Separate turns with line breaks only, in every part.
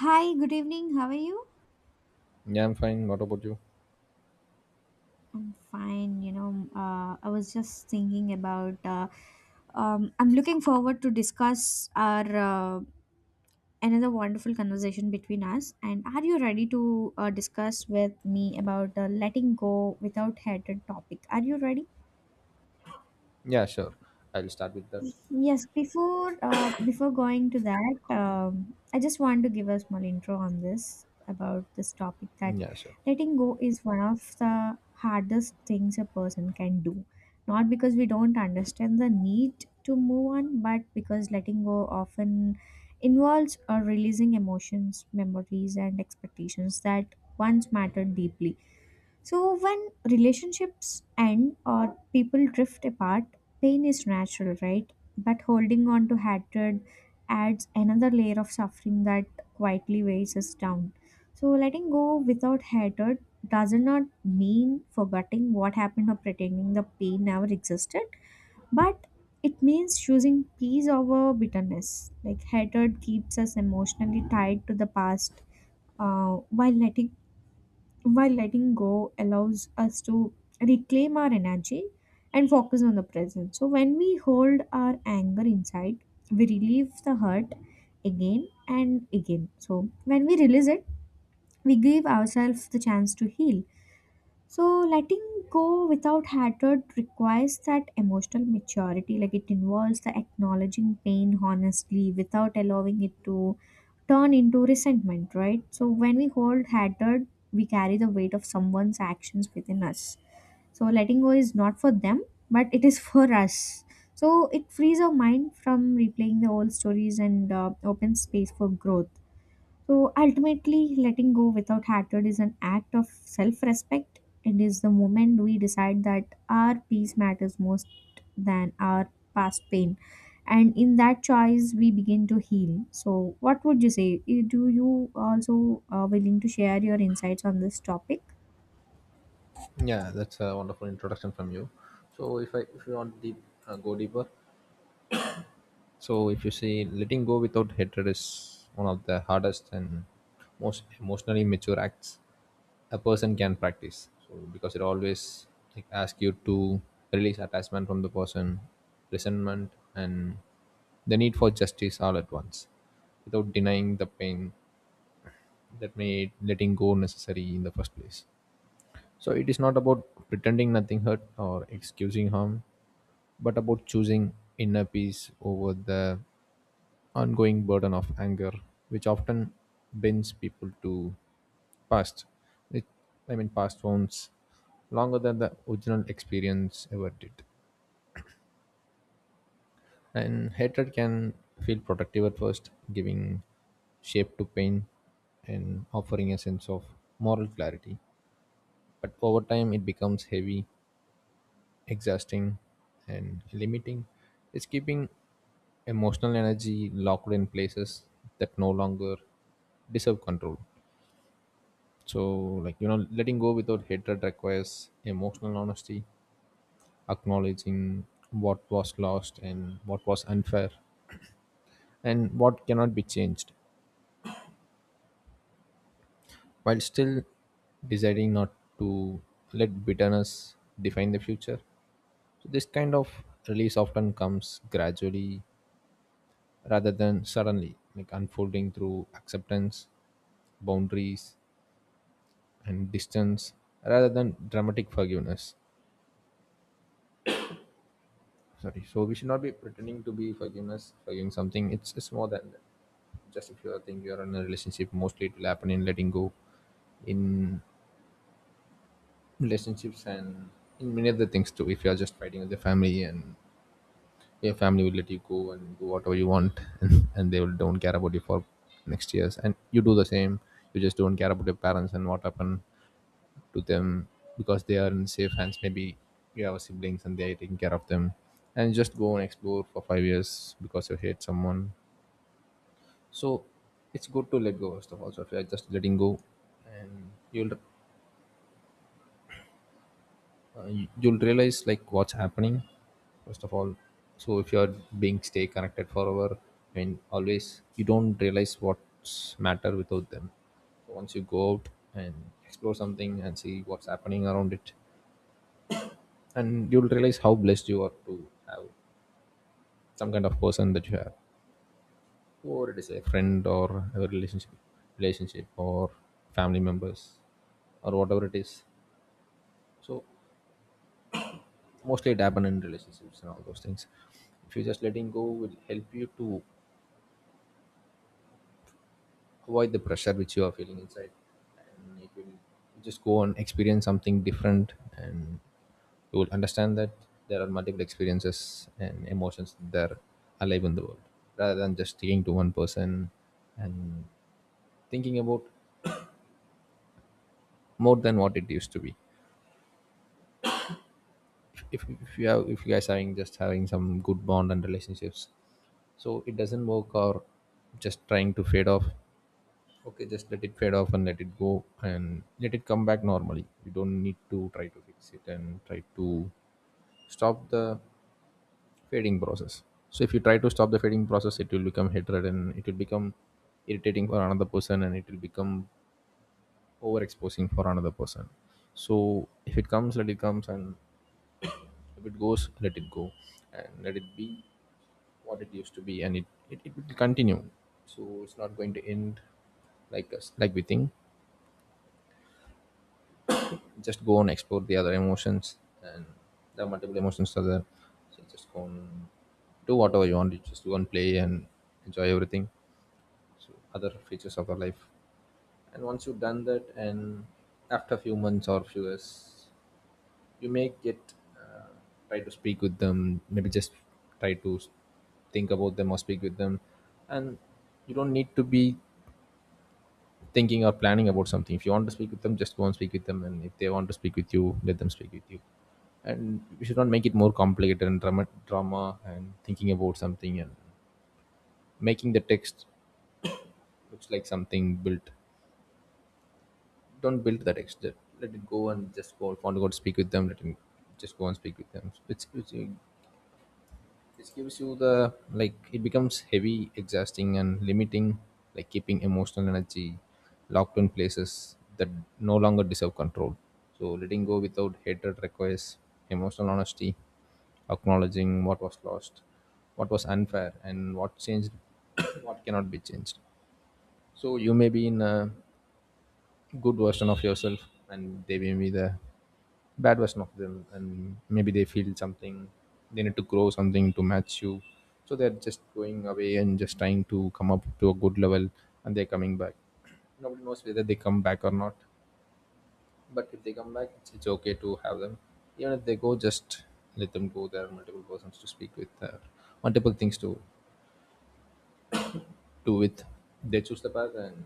Hi, good evening. How are you?
Yeah, I'm fine. What about you?
I'm fine. I was just thinking about. I'm looking forward to discuss our another wonderful conversation between us. And are you ready to discuss with me about letting go without hatred topic? Are you ready?
Yeah, sure. I'll start with that.
Yes, before going to that, I just want to give a small intro on this about this topic that
Yeah, sure.
letting go is one of the hardest things a person can do. Not because we don't understand the need to move on, but because letting go often involves releasing emotions, memories, and expectations that once mattered deeply. So, when relationships end or people drift apart, pain is natural, right? But holding on to hatred adds another layer of suffering that quietly weighs us down. So, letting go without hatred does not mean forgetting what happened or pretending the pain never existed, but it means choosing peace over bitterness. Like, hatred keeps us emotionally tied to the past. Uh, while letting while letting go allows us to reclaim our energy and focus on the present. So, when we hold our anger inside, we relieve the hurt again and again. So, when we release it, we give ourselves the chance to heal. So letting go without hatred requires that emotional maturity. Like it involves the acknowledging pain honestly without allowing it to turn into resentment, right? So when we hold hatred, we carry the weight of someone's actions within us. So letting go is not for them, but it is for us. So it frees our mind from replaying the old stories and opens space for growth. So ultimately, letting go without hatred is an act of self respect. It is the moment we decide that our peace matters most than our past pain. And in that choice, we begin to heal. So, what would you say? Eh, do you also willing to share your insights on this topic?
Yeah, that's a wonderful introduction from you. So, if you want deep go deeper, so if you see letting go without hatred is one of the hardest and most emotionally mature acts a person can practice. So, because it always, like, asks you to release attachment from the person, resentment, and the need for justice all at once, without denying the pain that made letting go necessary in the first place. So it is not about pretending nothing hurt or excusing harm, but about choosing inner peace over the ongoing burden of anger, which often binds people to past. It, I mean, past wounds longer than the original experience ever did. And hatred can feel protective at first, giving shape to pain and offering a sense of moral clarity. But over time, it becomes heavy, exhausting, and limiting. It's keeping emotional energy locked in places that no longer deserve control. So, like, letting go without hatred requires emotional honesty, acknowledging what was lost, and what was unfair, and what cannot be changed, while still deciding not to let bitterness define the future. So this kind of release often comes gradually rather than suddenly, like unfolding through acceptance, boundaries, and distance, rather than dramatic forgiveness. Sorry, so we should not be pretending to be forgiveness forgiving something. It's more than that. Just, if you are think you are in a relationship, mostly it will happen in letting go, in relationships, and in many other things too. If you are just fighting with your family, and your family will let you go and do whatever you want and they will don't care about you for next years, and you do the same. You just don't care about your parents and what happened to them because they are in safe hands. Maybe you have siblings and they are taking care of them, and just go and explore for 5 years because you hate someone. So it's good to let go of stuff. Also, if you are just letting go, and you'll realize like what's happening first of all. So if you are being stay connected forever, I mean always, you don't realize what's matter without them. So once you go out and explore something and see what's happening around it, and you'll realize how blessed you are to have some kind of person that you have, or it is a friend, or a relationship, or family members, or whatever it is. So mostly it happen in relationships and all those things. If you just letting go will help you to avoid the pressure which you are feeling inside, and it will just go and experience something different, and you will understand that there are multiple experiences and emotions that are alive in the world, rather than just sticking to one person and thinking about more than what it used to be. If you guys are having some good bond and relationships, so it doesn't work, or just trying to fade off. Okay, just let it fade off and let it go and let it come back normally. You don't need to try to fix it and try to stop the fading process. So if you try to stop the fading process, it will become hatred, and it will become irritating for another person, and it will become overexposing for another person. So if it comes, let it comes, and if it goes, let it go, and let it be what it used to be, and it will continue. So it's not going to end like us, like we think. Just go and explore the other emotions, and there are multiple emotions are there. So just go and do whatever you want. You just go and play and enjoy everything, so other features of our life. And once you've done that, and after a few months or few years, you may get uh, try to speak with them, maybe just try to s- think about them or speak with them. And you don't need to be thinking or planning about something. If you want to speak with them, just go and speak with them. And if they want to speak with you, let them speak with you. And we should not make it more complicated and drama and thinking about something and making the text looks like something built. Don't build the text. Just let it go and just go. If you want to go to speak with them, let him just go and speak with them. This gives you the, like, it becomes heavy, exhausting, and limiting, like keeping emotional energy locked in places that no longer deserve control. So letting go without hatred requires emotional honesty, acknowledging what was lost, what was unfair, and what changed, what cannot be changed. So you may be in a good version of yourself, and they may be the bad version of them, and maybe they feel something, they need to grow something to match you. So they're just going away and just trying to come up to a good level, and they're coming back. Nobody knows whether they come back or not, but if they come back, it's okay to have them. Even if they go, just let them go. There are multiple persons to speak with, there are multiple things to do with. They choose the path, and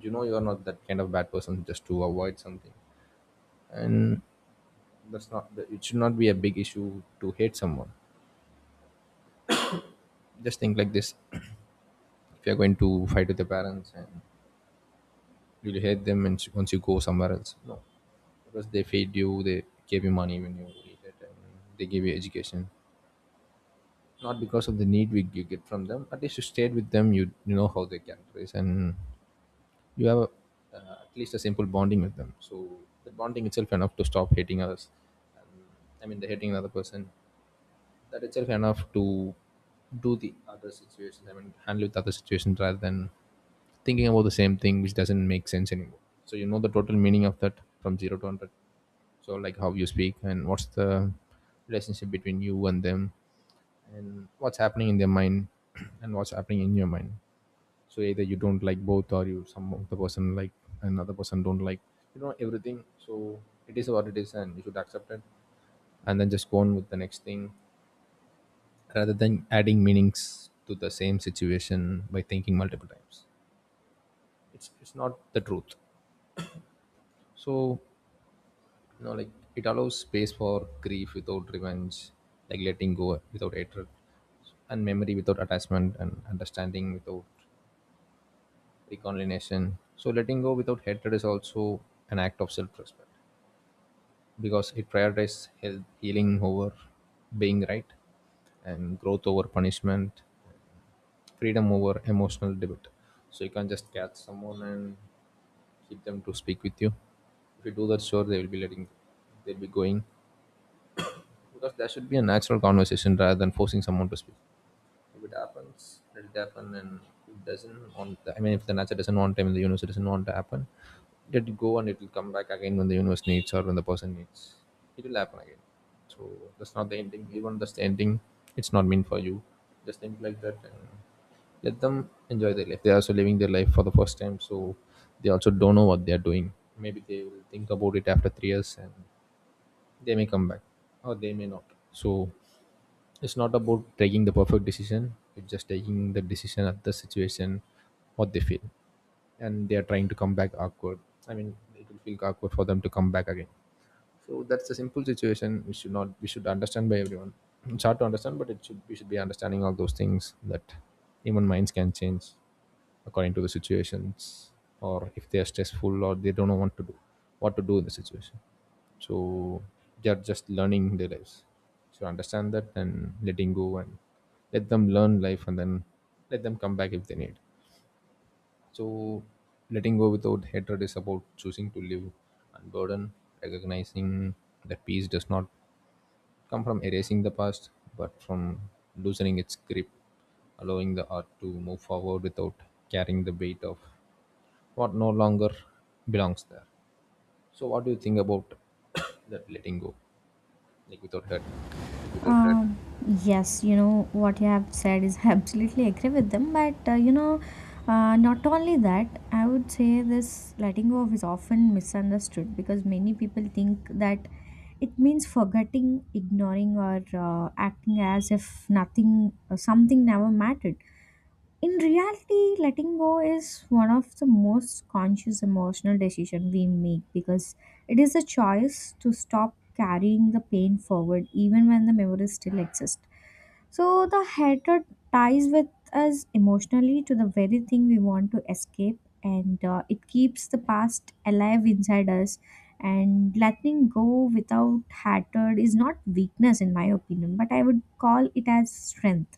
you know, you're not that kind of bad person just to avoid something. And that's not, it should not be a big issue to hate someone. Just think like this: if you're going to fight with your parents and you'll hate them, and once you go somewhere else, no, because they feed you, they gave you money when you needed, and they gave you education. Not because of the need we you get from them. At least you stayed with them. You know how they characterize, and you have at least a simple bonding with them. So the bonding itself enough to stop hating others. And, I mean, the hating another person, that itself enough to do the other situations. I mean, handle with other situations, rather than thinking about the same thing, which doesn't make sense anymore. So you know the total meaning of that from zero to hundred. So like how you speak, and what's the relationship between you and them, and what's happening in their mind, and what's happening in your mind. So either you don't like both, or you some of the person like another person don't like. You know everything. So it is what it is, and you should accept it, and then just go on with the next thing, rather than adding meanings to the same situation by thinking multiple times. It's not the truth. So, you know, like, it allows space for grief without revenge, like letting go without hatred, and memory without attachment, and understanding without reconciliation. So letting go without hatred is also an act of self-respect, because it prioritizes healing over being right, and growth over punishment, freedom over emotional debate. So you can't just catch someone and keep them to speak with you. If you do that, sure, they'll be going, because there should be a natural conversation rather than forcing someone to speak. If it happens, it'll happen, and if it doesn't want. I mean, if the nature doesn't want, time in the universe, doesn't want to happen. Let it go, and it will come back again when the universe needs or when the person needs. It will happen again. So that's not the ending. Even that's the ending, it's not meant for you. Just think like that and let them enjoy their life. They are also living their life for the first time, so they also don't know what they are doing. Maybe they will think about it after 3 years, and they may come back or they may not. So it's not about taking the perfect decision, it's just taking the decision at the situation what they feel. And they are trying to come back awkward. I mean, it will feel awkward for them to come back again, so that's a simple situation we should not we should understand by everyone. It's hard to understand, but it should we should be understanding all those things, that human minds can change according to the situations, or if they are stressful or they don't know what to do, what to do in the situation. So they are just learning their lives, so understand that and letting go, and let them learn life and then let them come back if they need. So, letting go without hatred is about choosing to live unburdened, recognizing that peace does not come from erasing the past, but from loosening its grip, allowing the art to move forward without carrying the weight of what no longer belongs there. So, what do you think about that letting go, like without hatred?
Exactly. Yes, you know what you have said is, absolutely agree with them, but not only that, I would say this letting go of is often misunderstood because many people think that it means forgetting, ignoring, or uh, acting as if nothing, something never mattered. In reality, letting go is one of the most conscious emotional decision we make because it is a choice to stop carrying the pain forward even when the memories still exist. So the hatred ties with us emotionally to the very thing we want to escape, and it keeps the past alive inside us. And letting go without hatred is not weakness, in my opinion, but I would call it as strength,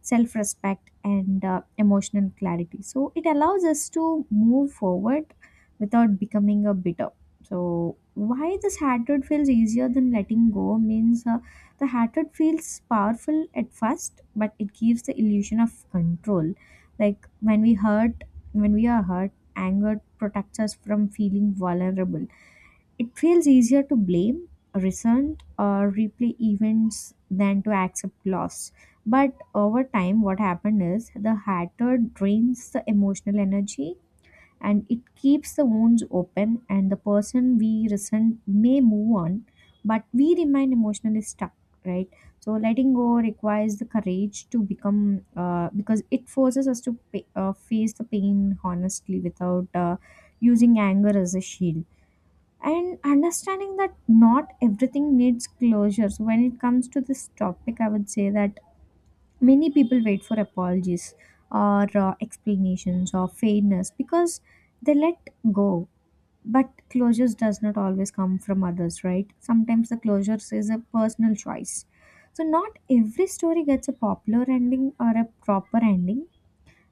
self respect, and emotional clarity. So it allows us to move forward without becoming a bitter. So, why this hatred feels easier than letting go means, the hatred feels powerful at first, but it gives the illusion of control. Like when we hurt, when we are hurt, anger protects us from feeling vulnerable. It feels easier to blame, resent, or replay events than to accept loss. But over time, what happened is the hatter drains the emotional energy and it keeps the wounds open, and the person we resent may move on, but we remain emotionally stuck, right? So letting go requires the courage to become, because it forces us to pa face the pain honestly without using anger as a shield and understanding that not everything needs closures. When it comes to this topic, I would say that many people wait for apologies or explanations or fairness because they let go, but closures does not always come from others. Right, sometimes the closures is a personal choice. So not every story gets a popular ending or a proper ending,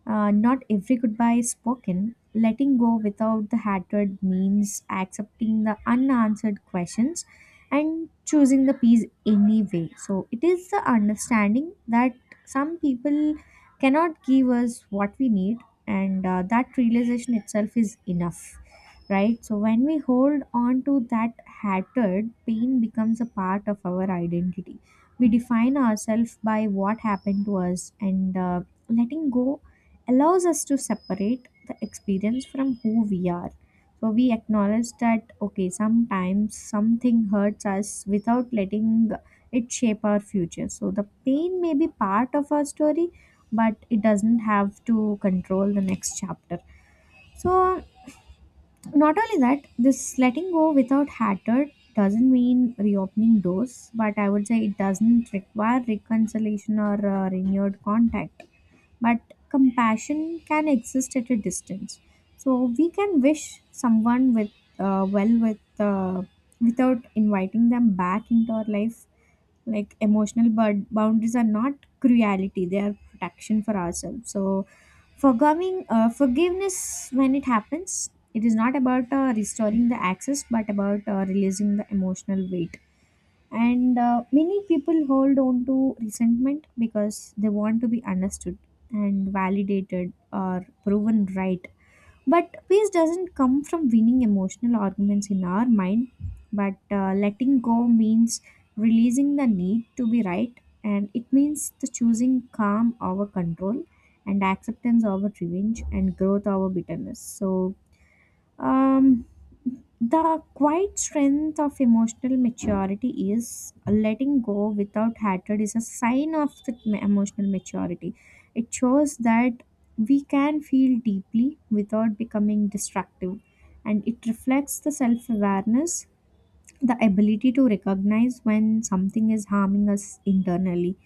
not every goodbye is spoken. Letting go without the hatred means accepting the unanswered questions and choosing the peace anyway. So it is the understanding that some people cannot give us what we need, and that realization itself is enough. Right, so when we hold on to that hatred, pain becomes a part of our identity. We define ourselves by what happened to us, and letting go allows us to separate the experience from who we are. So we acknowledge that, okay, sometimes something hurts us without letting it shape our future. So the pain may be part of our story, but it doesn't have to control the next chapter. So, not only that, this letting go without hatred doesn't mean reopening doors, but I would say it doesn't require reconciliation or renewed contact, but compassion can exist at a distance. So we can wish someone with, uh, well with uh, without inviting them back into our life. Like emotional boundaries are not cruelty; they are protection for ourselves. So forgiving forgiveness when it happens, it is not about restoring the access, but about releasing the emotional weight. And many people hold on to resentment because they want to be understood and validated or proven right, but peace doesn't come from winning emotional arguments in our mind. But letting go means releasing the need to be right, and it means the choosing calm over control, and acceptance over revenge, and growth over bitterness. Um the quiet strength of emotional maturity is letting go without hatred is a sign of the emotional maturity. It shows that we can feel deeply without becoming destructive, and it reflects the self awareness, the ability to recognize when something is harming us internally.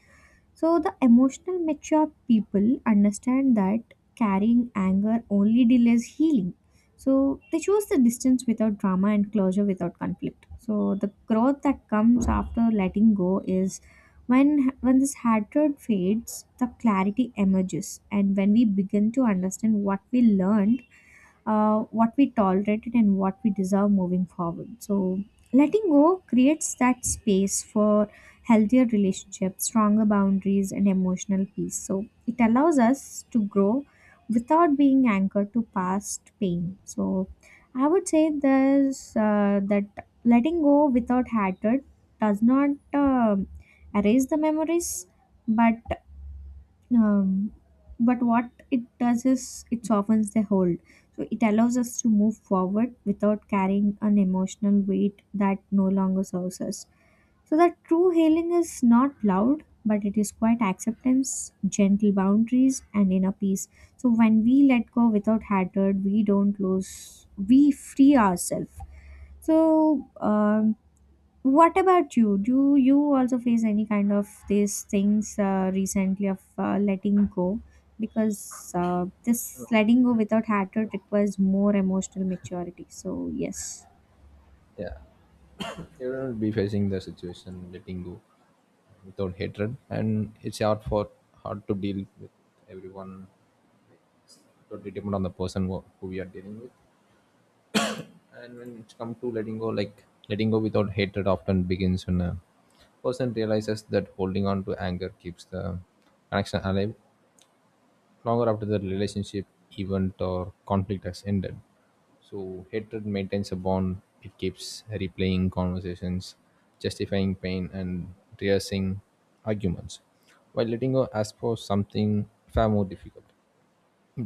So the emotional mature people understand that carrying anger only delays healing. So they choose the distance without drama and closure without conflict. So the growth that comes after letting go is when this hatred fades, the clarity emerges, and when we begin to understand what we learn, what we tolerated, and what we deserve moving forward. So, letting go creates that space for healthier relationships, stronger boundaries, and emotional peace. So, it allows us to grow without being anchored to past pain. So, I would say there's that letting go without hatred does not erase the memories, but um, but what it does is it softens the hold. So it allows us to move forward without carrying an emotional weight that no longer serves us. So that true healing is not loud, but it is quite acceptance, gentle boundaries, and inner peace. So when we let go without hatred, we don't lose, we free ourselves. So, what about you? Do you also face any kind of these things recently of letting go? Because this letting go without hatred requires more emotional maturity. So, yes.
Yeah, you will be facing the situation letting go without hatred, and it's hard for hard to deal with everyone. Totally depend on the person who we are dealing with. And when it comes to letting go, like letting go without hatred often begins when a person realizes that holding on to anger keeps the connection alive longer after the relationship, event, or conflict has ended. So hatred maintains a bond. It keeps replaying conversations, justifying pain, and rehearsing arguments, while letting go asks for something far more difficult: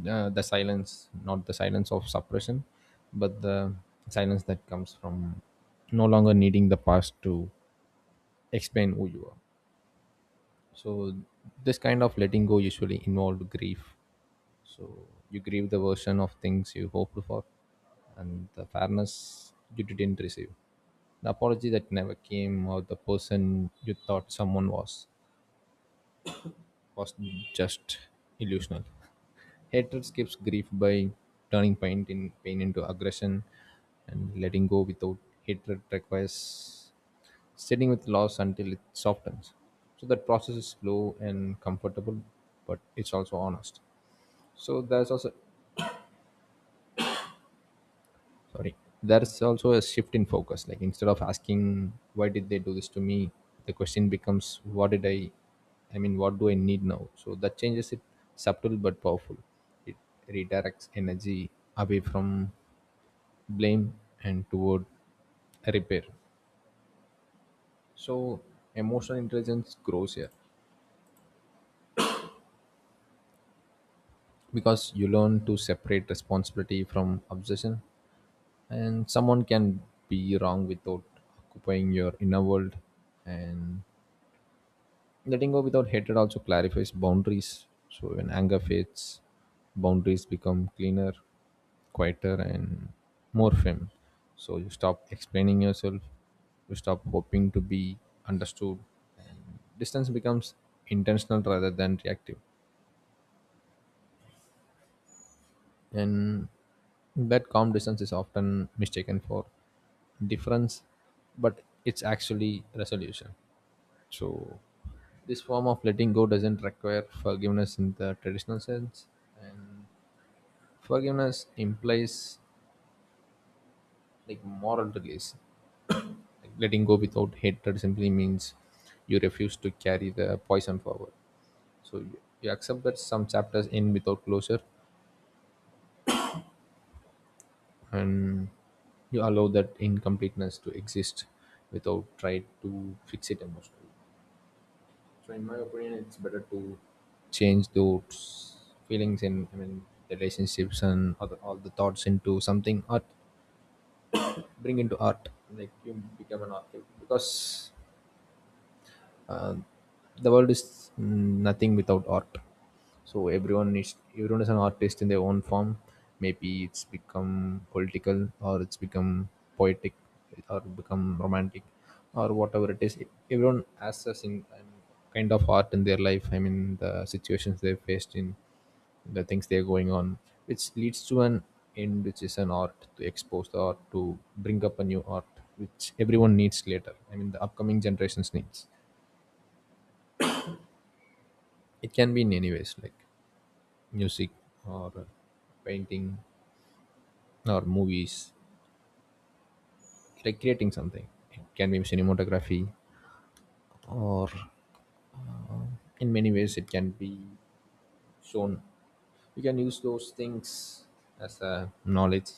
the silence, not the silence of suppression, but the silence that comes from no longer needing the past to explain who you are. So this kind of letting go usually involved grief. So you grieve the version of things you hoped for and the fairness you didn't receive, the apology that never came, or the person you thought someone was was just illusional. Hatred escapes grief by turning pain into aggression, and letting go without hatred requires sitting with loss until it softens. So that process is slow and comfortable, but it's also honest. So there's also, sorry, there's also a shift in focus. Like, instead of asking why did they do this to me, the question becomes what did what do I need now? So that changes it, subtle but powerful. It redirects energy away from blame and toward repair. So emotional intelligence grows here because you learn to separate responsibility from obsession, and someone can be wrong without occupying your inner world. And letting go without hatred also clarifies boundaries. So when anger fades, boundaries become cleaner, quieter, and more firm. So you stop explaining yourself, you stop hoping to be understood, and distance becomes intentional rather than reactive. And that calm distance is often mistaken for difference, but it's actually resolution. So this form of letting go doesn't require forgiveness in the traditional sense, and forgiveness implies like moral release. Like letting go without hatred simply means you refuse to carry the poison forward. So you accept that some chapters end without closure, and you allow that incompleteness to exist without trying to fix it emotionally. So in my opinion, it's better to change those feelings, and I mean relationships and all the thoughts into something art. Bring into art, like you become an artist because uh, the world is nothing without art. So everyone is an artist in their own form. Maybe it's become political, or it's become poetic, or become romantic, or whatever it is. Everyone has a kind of art in their life. I mean, the situations they've faced in the things they're going on, which leads to an end, which is an art to expose the art, to bring up a new art, which everyone needs later. I mean, the upcoming generations needs. It can be in any ways, like music, or painting, or movies, like creating something. It can be cinematography or uh, in many ways it can be shown. You can use those things as a knowledge.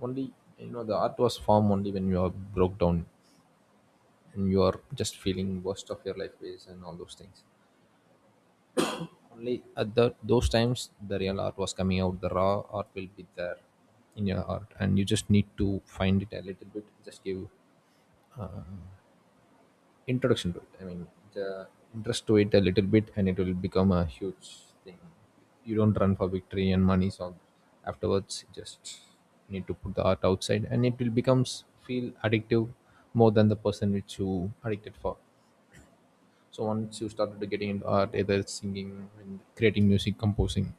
Only you know the art was formed only when you are broke down and you are just feeling worst of your life ways and all those things. Only at that those times the real art was coming out. The raw art will be there in your art, and you just need to find it a little bit. Just give introduction to it. I mean, the interest to it a little bit, and it will become a huge thing. You don't run for victory and money, so afterwards you just need to put the art outside, and it will becomes feel addictive more than the person which you addicted for. So once you started to getting into art, either singing, and creating music, composing,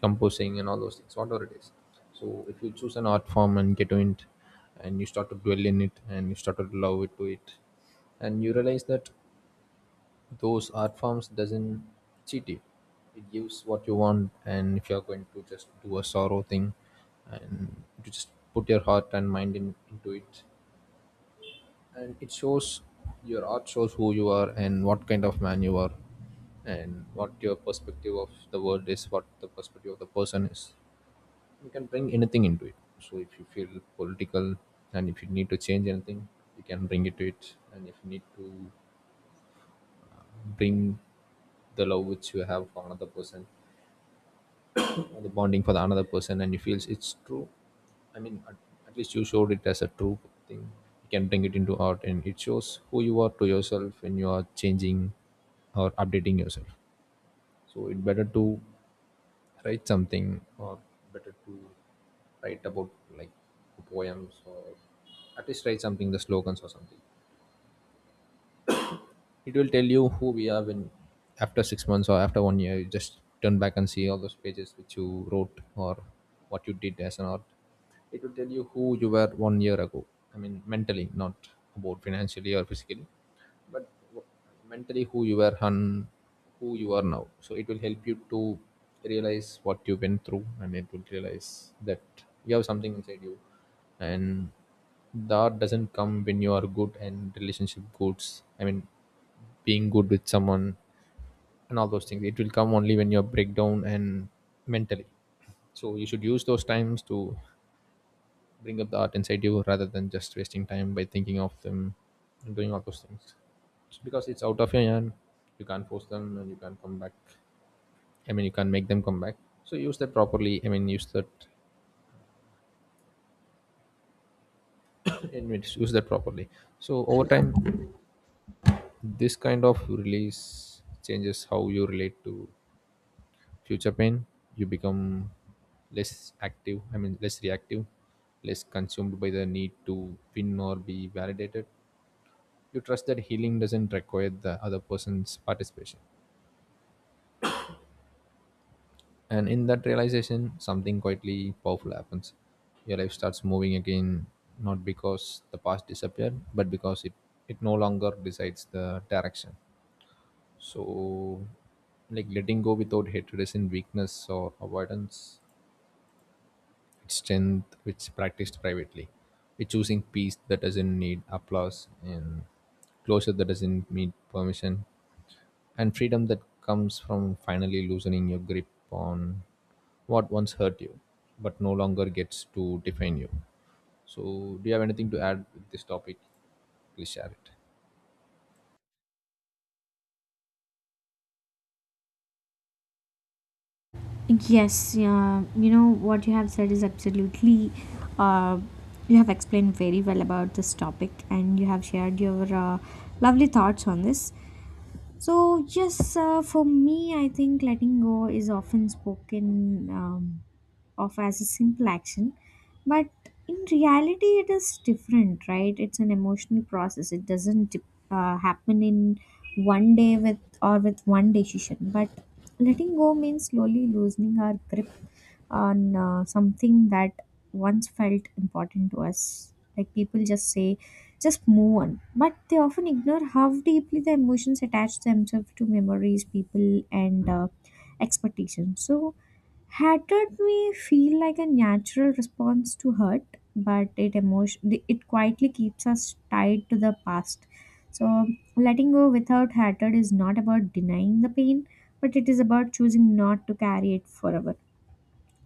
composing and all those things, whatever it is. So if you choose an art form and get to it, and you start to dwell in it and you start to love it to it, and you realize that those art forms doesn't cheat you, it gives what you want. And if you're going to just do a sorrow thing, and you just put your heart and mind into it, and it shows. Your art shows who you are and what kind of man you are, and what your perspective of the world is, what the perspective of the person is. You can bring anything into it. So if you feel political and if you need to change anything, you can bring it to it. And if you need to bring the love which you have for another person, or the bonding for the another person, and you feel it's true. I mean, at least you showed it as a true thing. You can bring it into art, and it shows who you are to yourself when you are changing or updating yourself. So it's better to write something, or better to write about, like, poems, or at least write something, the slogans or something. It will tell you who we are when, after 6 months or after 1 year, you just turn back and see all those pages which you wrote or what you did as an art. It will tell you who you were 1 year ago. I mean mentally, not about financially or physically, but w- mentally who you were and who you are now. So it will help you to realize what you went through, and it will realize that you have something inside you, and that doesn't come when you are good and relationship goods. I mean, being good with someone and all those things, it will come only when you're breakdown and mentally. So you should use those times to bring up the art inside you rather than just wasting time by thinking of them and doing all those things. It's because it's out of your hand, you can't force them and you can't come back. I mean, you can't make them come back. So use that properly. I mean, use that in which use that properly. So over time, this kind of release changes how you relate to future pain. You become less active I mean less reactive, less consumed by the need to win or be validated. You trust that healing doesn't require the other person's participation, and in that realization something quietly powerful happens. Your life starts moving again, not because the past disappeared, but because it no longer decides the direction. So, like letting go without hatred is in weakness or avoidance, it's strength which practiced privately. It's choosing peace that doesn't need applause, and closure that doesn't need permission, and freedom that comes from finally loosening your grip on what once hurt you but no longer gets to define you. So, do you have anything to add with this topic? Please share it.
Yes, yeah, you know what you have said is absolutely. Uh, you have explained very well about this topic, and you have shared your lovely thoughts on this. So, yes, for me, I think letting go is often spoken of as a simple action, but in reality, it is different, right? It's an emotional process. It doesn't happen in one day with or with one decision. But letting go means slowly loosening our grip on something that once felt important to us. Like people just say just move on. But they often ignore how deeply the emotions attach themselves to memories, people, and expectations. So, hatred may feel like a natural response to hurt, but it emotion it quietly keeps us tied to the past. So, letting go without hatred is not about denying the pain, but it is about choosing not to carry it forever.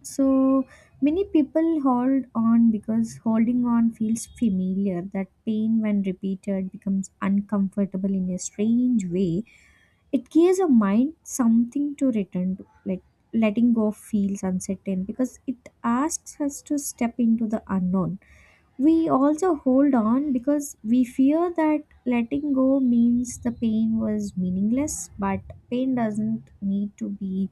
So many people hold on because holding on feels familiar. That pain, when repeated, becomes uncomfortable in a strange way. It gives a mind something to return to. Like letting go feels uncertain because it asks us to step into the unknown. We also hold on because we fear that letting go means the pain was meaningless, but pain doesn't need to be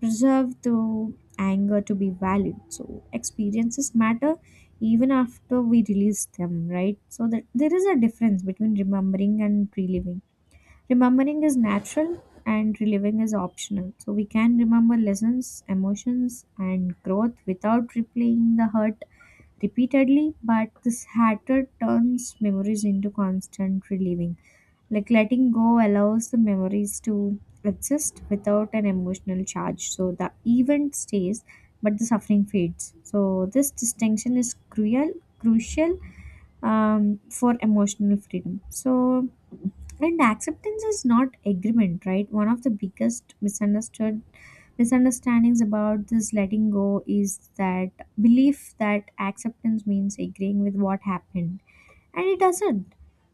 preserved through anger to be valid. So, experiences matter even after we release them, right? So, that there is a difference between remembering and reliving. Remembering is natural and reliving is optional. So, we can remember lessons, emotions, and growth without replaying the hurt repeatedly, but this hatred turns memories into constant reliving. Like letting go allows the memories to exist without an emotional charge. So the event stays, but the suffering fades. So this distinction is cruel, crucial, for emotional freedom. So, and acceptance is not agreement, right? One of the biggest misunderstood misunderstandings about this letting go is that belief that acceptance means agreeing with what happened, and it doesn't.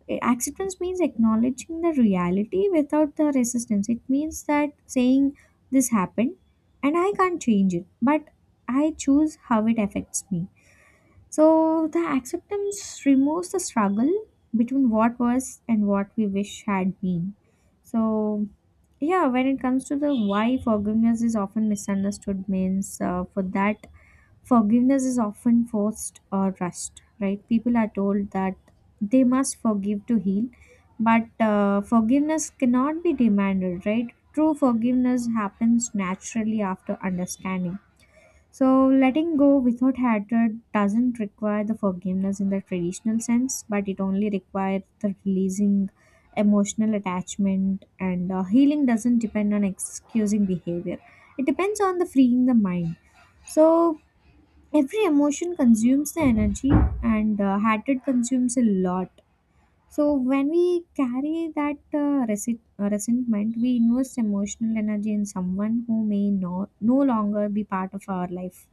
Acceptance means acknowledging the reality without the resistance. It means that saying this happened and I can't change it, but I choose how it affects me. So the acceptance removes the struggle between what was and what we wish had been. So yeah, when it comes to the why forgiveness is often misunderstood means, for that forgiveness is often forced or rushed, right? People are told that they must forgive to heal, but forgiveness cannot be demanded, right? True forgiveness happens naturally after understanding. So, letting go without hatred doesn't require the forgiveness in the traditional sense, but it only requires the releasing emotional attachment, and healing doesn't depend on excusing behavior. It depends on the freeing the mind. So, every emotion consumes the energy, and hatred consumes a lot. So when we carry that resentment, we invest emotional energy in someone who may no longer be part of our life.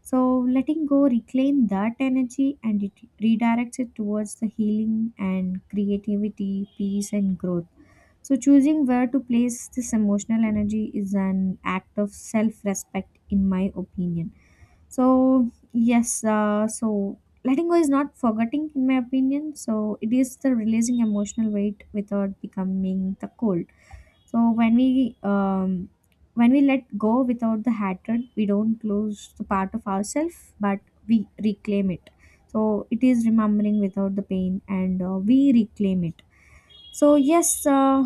So letting go reclaim that energy and it redirects it towards the healing and creativity, peace and growth. So choosing where to place this emotional energy is an act of self-respect in my opinion. So yes, so letting go is not forgetting, in my opinion. So it is the releasing emotional weight without becoming the cold. So when we let go without the hatred, we don't lose the part of ourselves, but we reclaim it. So it is remembering without the pain, and we reclaim it. So yes,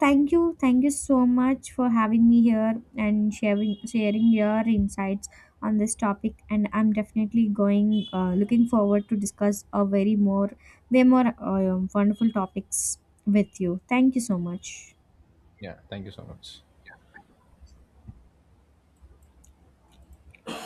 thank you so much for having me here and sharing your insights on this topic. And I'm definitely going looking forward to discuss a very more way more wonderful topics with you. Thank you so much.
Yeah, thank you so much.